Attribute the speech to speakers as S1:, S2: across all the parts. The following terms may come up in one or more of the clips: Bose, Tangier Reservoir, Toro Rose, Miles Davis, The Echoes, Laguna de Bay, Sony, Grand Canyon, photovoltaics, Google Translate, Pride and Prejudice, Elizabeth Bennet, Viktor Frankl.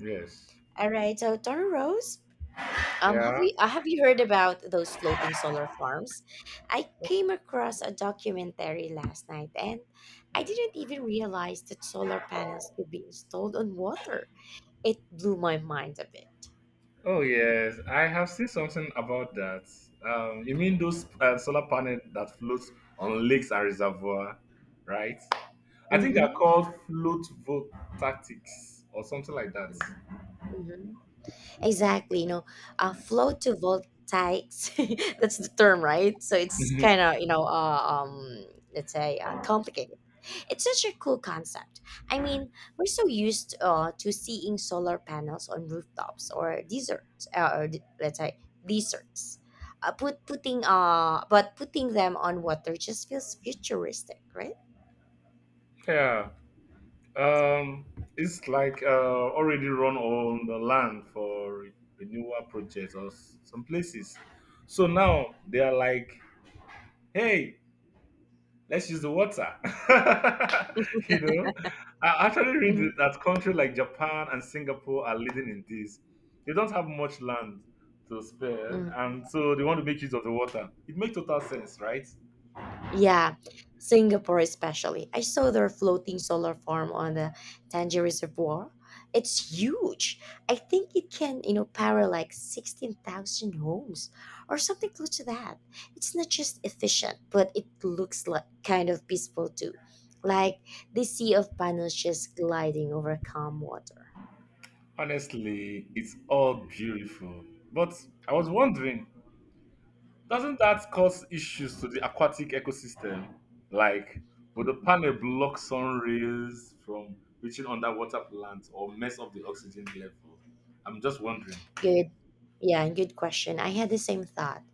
S1: Yes.
S2: All right, so Toro Rose,
S1: Yeah.
S2: have you heard about those floating solar farms? I
S1: Oh,
S2: came across a documentary last night, and I didn't even realize that solar panels could be installed on water. It blew my mind a bit.
S1: oh, yes. I have seen something about that. You mean those solar panels that floats on lakes and reservoir, right? I think they're
S2: Mm-hmm.
S1: called float vote tactics or something like that.
S2: Mm-hmm. Mm-hmm. Exactly, photovoltaics. That's the term, right? So it's kind of let's say complicated. It's such a cool concept. I mean, we're so used to seeing solar panels on rooftops or deserts, let's say deserts. Put putting but putting them on water just feels futuristic, right?
S1: Yeah. Um, it's like already run on the land for renewal projects or some places. So now they are like, hey, let's use the water. you know, I actually read
S2: Mm-hmm.
S1: that countries like Japan and Singapore are leading in this. They don't have much land to spare,
S2: Mm-hmm.
S1: and so they want to make use of the water. It makes total sense, right?
S2: Yeah, Singapore especially. I saw their floating solar farm on the Tangier Reservoir. It's huge. I think it can, you know, power like 16,000 homes or something close to that. It's not just efficient, but it looks like kind of peaceful too. Like the sea of panels just gliding over calm water.
S1: Honestly, it's all beautiful. But I was wondering, doesn't that cause issues to the aquatic ecosystem? Like, would the panel block sun rays from reaching underwater plants or mess up the oxygen level? I'm just wondering.
S2: Good. Yeah, good question. I had the same thought.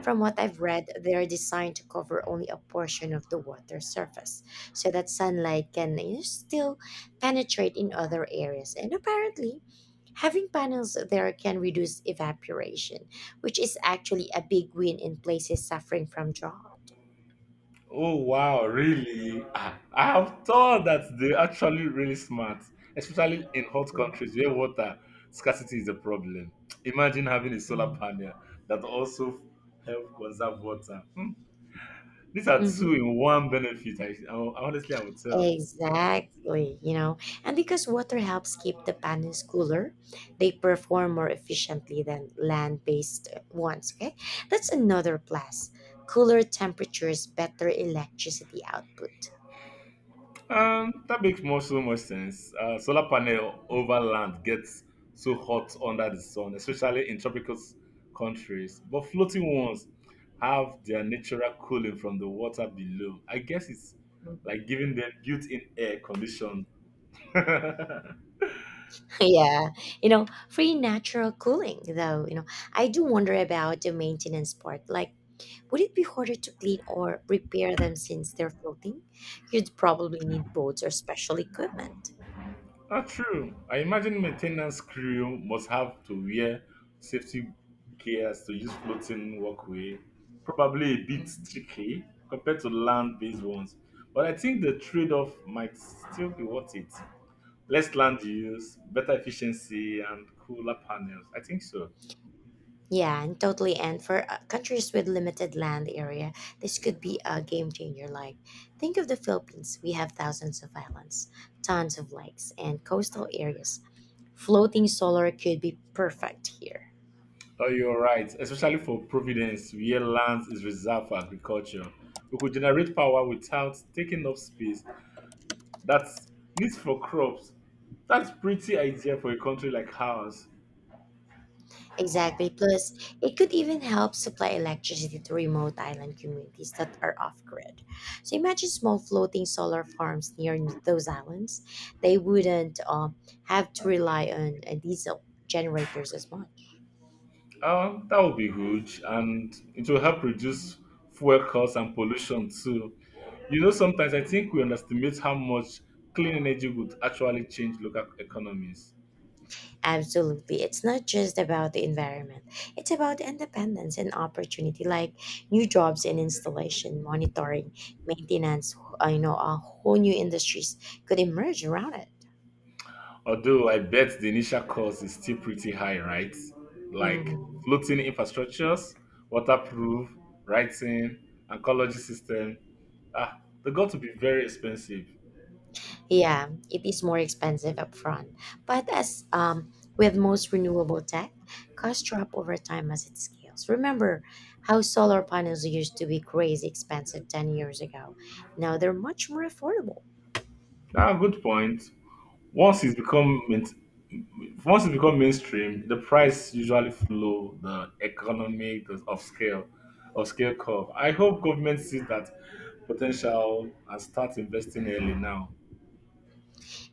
S2: From what I've read, they're designed to cover only a portion of the water surface so that sunlight can, you know, still penetrate in other areas. And apparently, having panels there can reduce evaporation, which is actually a big win in places suffering from drought.
S1: Oh wow, really? I have thought that they're
S2: Mm-hmm.
S1: actually really smart, especially in hot
S2: Mm-hmm.
S1: countries where water scarcity is a problem. Imagine having a solar
S2: Mm-hmm.
S1: panel that also help conserve water. These are two
S2: Mm-hmm.
S1: in one benefit. I honestly I would tell.
S2: Exactly, you know, and because water helps keep the panels cooler, they perform more efficiently than land based ones. Okay, that's another plus. Cooler temperatures, better electricity output.
S1: That makes more so much sense. Solar panel over land gets so hot under the sun, especially in tropical countries. But floating ones have their natural cooling from the water below. I guess it's
S2: Mm-hmm.
S1: like giving them built-in air conditions.
S2: Yeah, free natural cooling though you know I do wonder about the maintenance part. Like, would it be harder to clean or repair them since they're floating? You'd probably need boats or special equipment.
S1: That's true. I imagine maintenance crew must have to wear safety gears to use floating walkway, probably a bit
S2: Mhm.
S1: tricky compared to land-based ones. But I think the trade-off might still be worth it. Less land use, better efficiency, and cooler panels. I think so.
S2: yeah and totally and for countries with limited land area, this could be a game changer. Like, think of the Philippines. We have thousands of islands, tons of lakes and coastal areas. Floating solar could be perfect here.
S1: Oh, you're right. Especially for Providence, where land is reserved for agriculture. We could generate power without taking up space. That's needs for crops. That's pretty idea for a country like ours.
S2: Exactly. Plus, it could even help supply electricity to remote island communities that are off grid. So imagine small floating solar farms near those islands. They wouldn't have to rely on diesel generators as much.
S1: That would be huge, and it will help reduce fuel costs and pollution too. You know, sometimes I think we underestimate how much clean energy would actually change local economies.
S2: Absolutely. It's not just about the environment, it's about independence and opportunity, like new jobs in installation, monitoring, maintenance, whole new industries could emerge around it.
S1: Although I bet the initial cost is still pretty high, right? Like
S2: Mhm.
S1: floating infrastructures, waterproof, writing, and ecology system. Ah, they got to be very expensive.
S2: Yeah, it is more expensive upfront, but as, with most renewable tech, costs drop over time as it scales. Remember how solar panels used to be crazy expensive 10 years ago. Now they're much more affordable.
S1: Good point. Once it's become main- Once it become mainstream, the price usually follow the economic the of scale curve. I hope government sees that potential and start investing early now.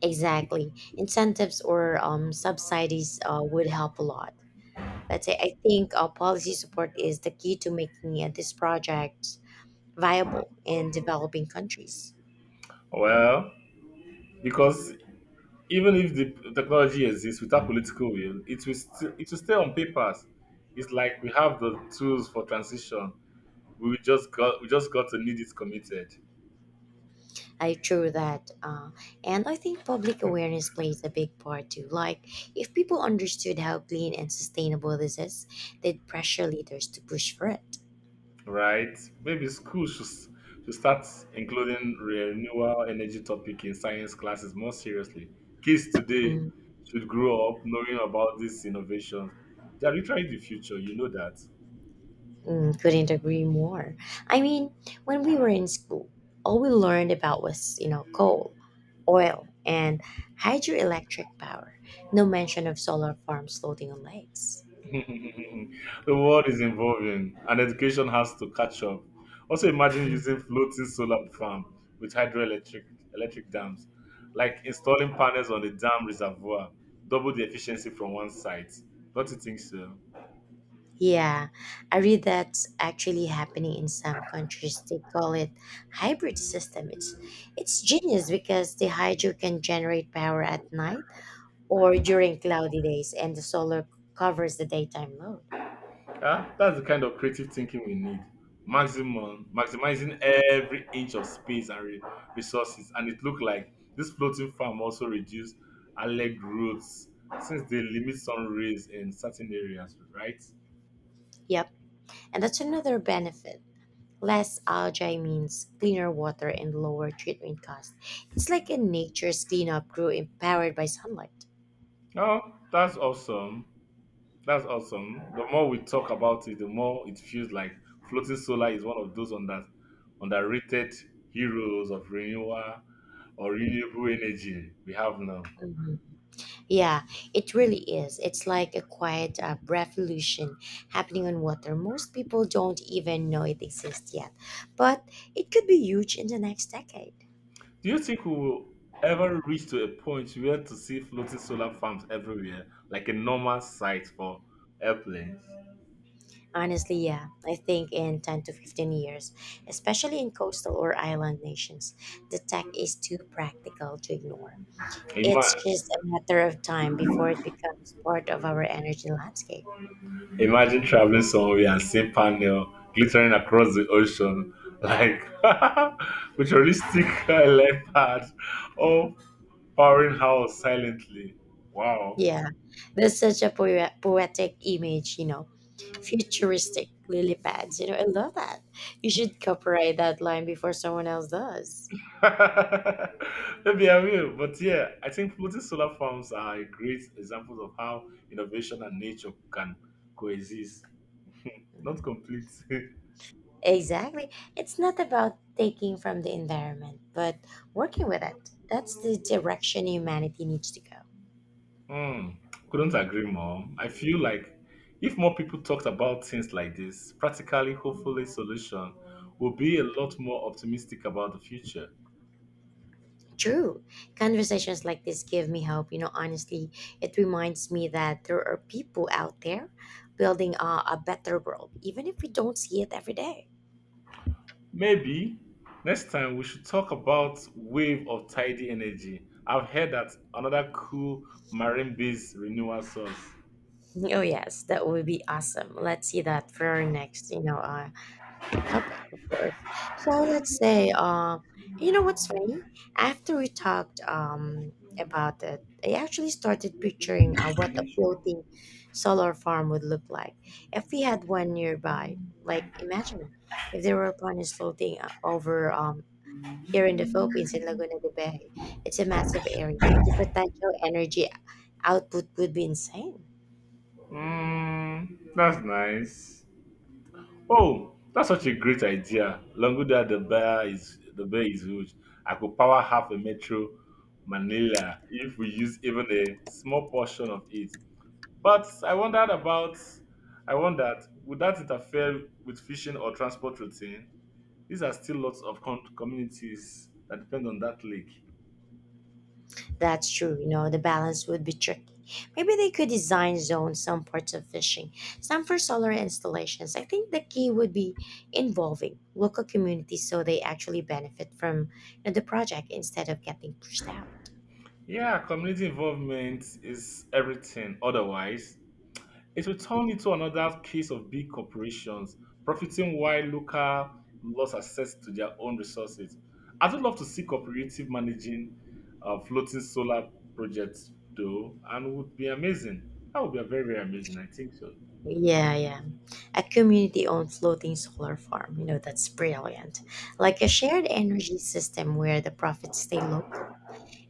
S2: Exactly. Incentives or subsidies would help a lot. Let's say I think policy support is the key to making these projects viable in developing countries.
S1: Well, because even if the technology exists without political will, it will stay on papers. It's like we have the tools for transition. We just got to need it committed.
S2: I true that, and I think public awareness plays a big part too. Like, if people understood how clean and sustainable this is, they'd pressure leaders to push for it.
S1: Right? Maybe schools should start including renewable energy topic in science classes more seriously. Kids today
S2: Mm,
S1: should grow up knowing about these innovations. They are literally the future, you know that.
S2: couldn't agree more. I mean, when we were in school, all we learned about was, you know, coal, oil, and hydroelectric power. No mention of solar farms floating on lakes.
S1: The world is evolving and education has to catch up. Also imagine using
S2: Mhm.
S1: floating solar farm with hydroelectric electric dams, like installing panels on the dam reservoir, double the efficiency from one site. Don't you think so?
S2: Yeah, I read that's actually happening in some countries. They call it hybrid system. It's genius because the hydro can generate power at night or during cloudy days, and the solar covers the daytime load.
S1: Yeah, that's the kind of creative thinking we need. Maximizing every inch of space and resources. And it looked like this floating farm also reduced alleged roots since they limit sun rays in certain areas, right?
S2: Yep, and that's another benefit. Less algae means cleaner water and lower treatment cost. It's like a nature's cleanup crew empowered by sunlight.
S1: Oh, that's awesome. That's awesome. The more we talk about it, the more it feels like floating solar is one of those underrated heroes of renewal or renewable energy we have now.
S2: Mhm. Yeah, it really is. It's like a quiet revolution happening on water. Most people don't even know it exists yet, but it could be huge in the next decade.
S1: Do you think we will ever reach to a point where to see floating solar farms everywhere, like a normal sight for airplanes?
S2: Honestly, yeah, I think in 10 to 15 years, especially in coastal or island nations, the tech is too practical to ignore. It's
S1: Ima-
S2: just a matter of time before it becomes part of our energy landscape.
S1: imagine traveling somewhere and see panel glittering across the ocean, like futuristic leopard, all powering house silently. Wow.
S2: Yeah, that's such a poetic image, you know. Futuristic lily pads, you know, I love that. You should copyright that line before someone else does.
S1: Maybe I will, but yeah, I think floating solar farms are a great example of how innovation and nature can coexist. Not
S2: Mm.
S1: complete.
S2: Exactly. It's not about taking from the environment, but working with it. That's the direction humanity needs to go.
S1: Hmm. Couldn't agree more. I feel like if more people talked about things like this, practically, hopefully, solution will be a lot more optimistic about the future.
S2: True. Conversations like this give me hope. You know, honestly, it reminds me that there are people out there building a better world, even if we don't see it every day.
S1: Maybe next time we should talk about wave of tidy energy. I've heard that another cool marine-based renewal source.
S2: Oh, yes, that would be awesome. Let's see that for our next, topic, of course. So let's say, you know what's funny? After we talked about it, I actually started picturing what a floating solar farm would look like if we had one nearby. Like, imagine if there were ponies floating over here in the Philippines in Laguna de Bay. It's a massive area. The potential energy output would be insane.
S1: Hmm. That's nice. Oh, that's such a great idea. Longuda the bear is huge. I could power half a metro Manila if we use even a small portion of it. But I wondered would that interfere with fishing or transport routine? These are still lots of communities that depend on that lake.
S2: That's true. You know, the balance would be tricky. Maybe they could design zones, some parts of fishing, some for solar installations. I think the key would be involving local communities so they actually benefit from, you know, the project instead of getting pushed out.
S1: Yeah, community involvement is everything. Otherwise, it will turn into another case of big corporations profiting while local lost access to their own resources. I would love to see cooperative managing floating solar projects though, and would be amazing. That would be a very, very amazing. I think so.
S2: Yeah, yeah. A community owned floating solar farm. You know, that's brilliant. Like a shared energy system where the profits stay local.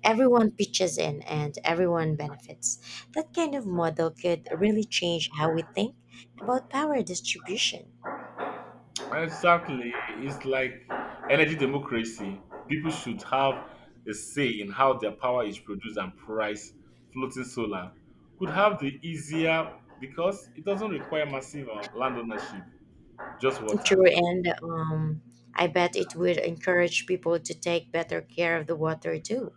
S2: Everyone pitches in and everyone benefits. That kind of model could really change how we think about power distribution.
S1: Exactly. It's like energy democracy. People should have a say in how their power is produced and priced. Floating solar could have the easier because it doesn't require massive land ownership. Just water.
S2: True, and I bet it would encourage people to take better care of the water too,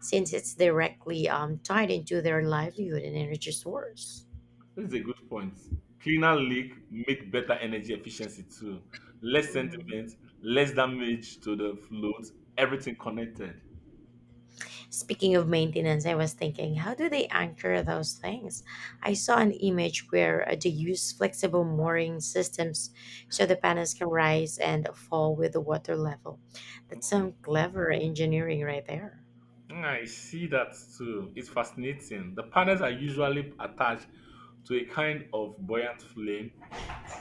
S2: since it's directly tied into their livelihood and energy source.
S1: This is a good point. Cleaner leak make better energy efficiency too. Less
S2: Mhm.
S1: sentiment, less damage to the float, everything connected.
S2: Speaking of maintenance, I was thinking, how do they anchor those things? I saw an image where they use flexible mooring systems so the panels can rise and fall with the water level. That's some clever engineering right there.
S1: I see that too. It's fascinating. The panels are usually attached to a kind of buoyant flame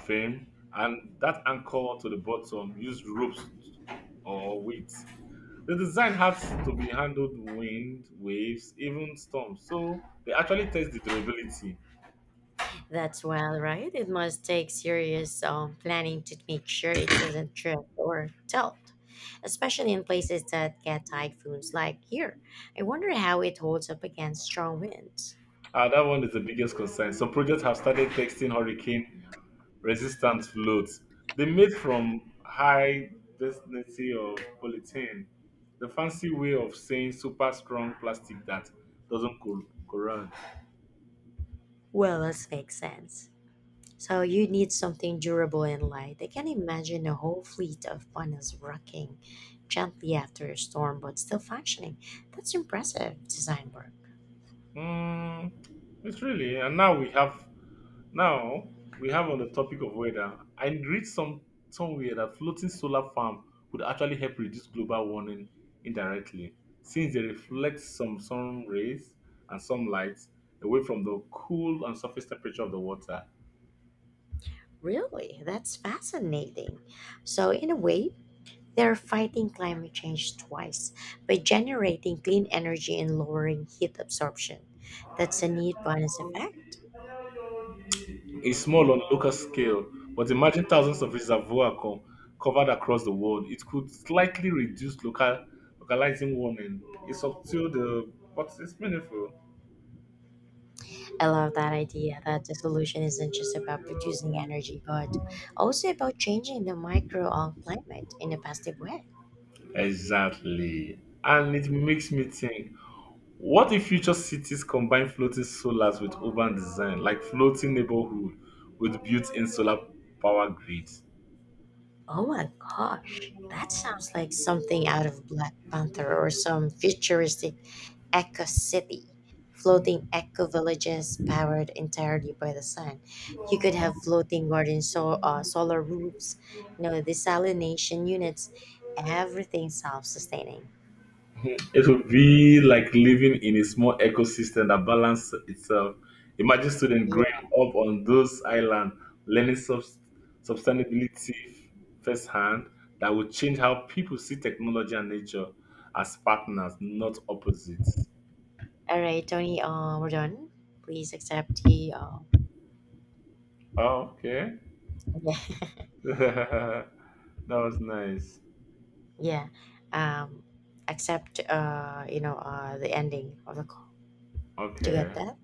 S1: frame and that anchor to the bottom use ropes or weights. The design has to be handled wind, waves, even storms. So they actually test the durability.
S2: That's well, right? It must take serious planning to make sure it doesn't drift or tilt, especially in places that get typhoons like here. I wonder how it holds up against strong winds.
S1: That one is the biggest concern. Some projects have started testing hurricane resistant floats. They made from high density of polyethylene, the fancy way of saying super strong plastic that doesn't corrode.
S2: Well, that makes sense. So you need something durable and light. I can imagine a whole fleet of funnels rocking gently after a storm but still functioning. That's impressive design work.
S1: Mm, it's really, and now we have Now we have on the topic of weather. I read somewhere that floating solar farm could actually help reduce global warming indirectly, since they reflect some sun rays and some light away from the cool and surface temperature of the water.
S2: Really, that's fascinating. So, in a way, they're fighting climate change twice by generating clean energy and lowering heat absorption. That's a neat bonus effect.
S1: It's small on local scale, but imagine thousands of reservoirs covered across the world. It could slightly reduce localizing warming. It's up to the but it's meaningful.
S2: I love that idea that the solution isn't just about producing energy, but also about changing the micro on climate in a positive way.
S1: Exactly. And it makes me think. What if future cities combine floating solars with urban design, like floating neighborhood with built-in solar power grids?
S2: Oh my gosh, that sounds like something out of Black Panther or some futuristic Eco City, floating eco villages powered entirely by the sun. You could have floating garden so, solar roofs, you know, desalination units, everything self sustaining.
S1: It would be like living in a small ecosystem that balances itself. Imagine students growing
S2: Yeah.
S1: up on those islands, learning sustainability firsthand that would change how people see technology and nature as partners, not opposites.
S2: All right, Tony, we're done. Please accept the.
S1: Oh, okay.
S2: Yeah.
S1: That was nice.
S2: Yeah. Um, accept, the ending of the call. Do you
S1: Okay.
S2: get that?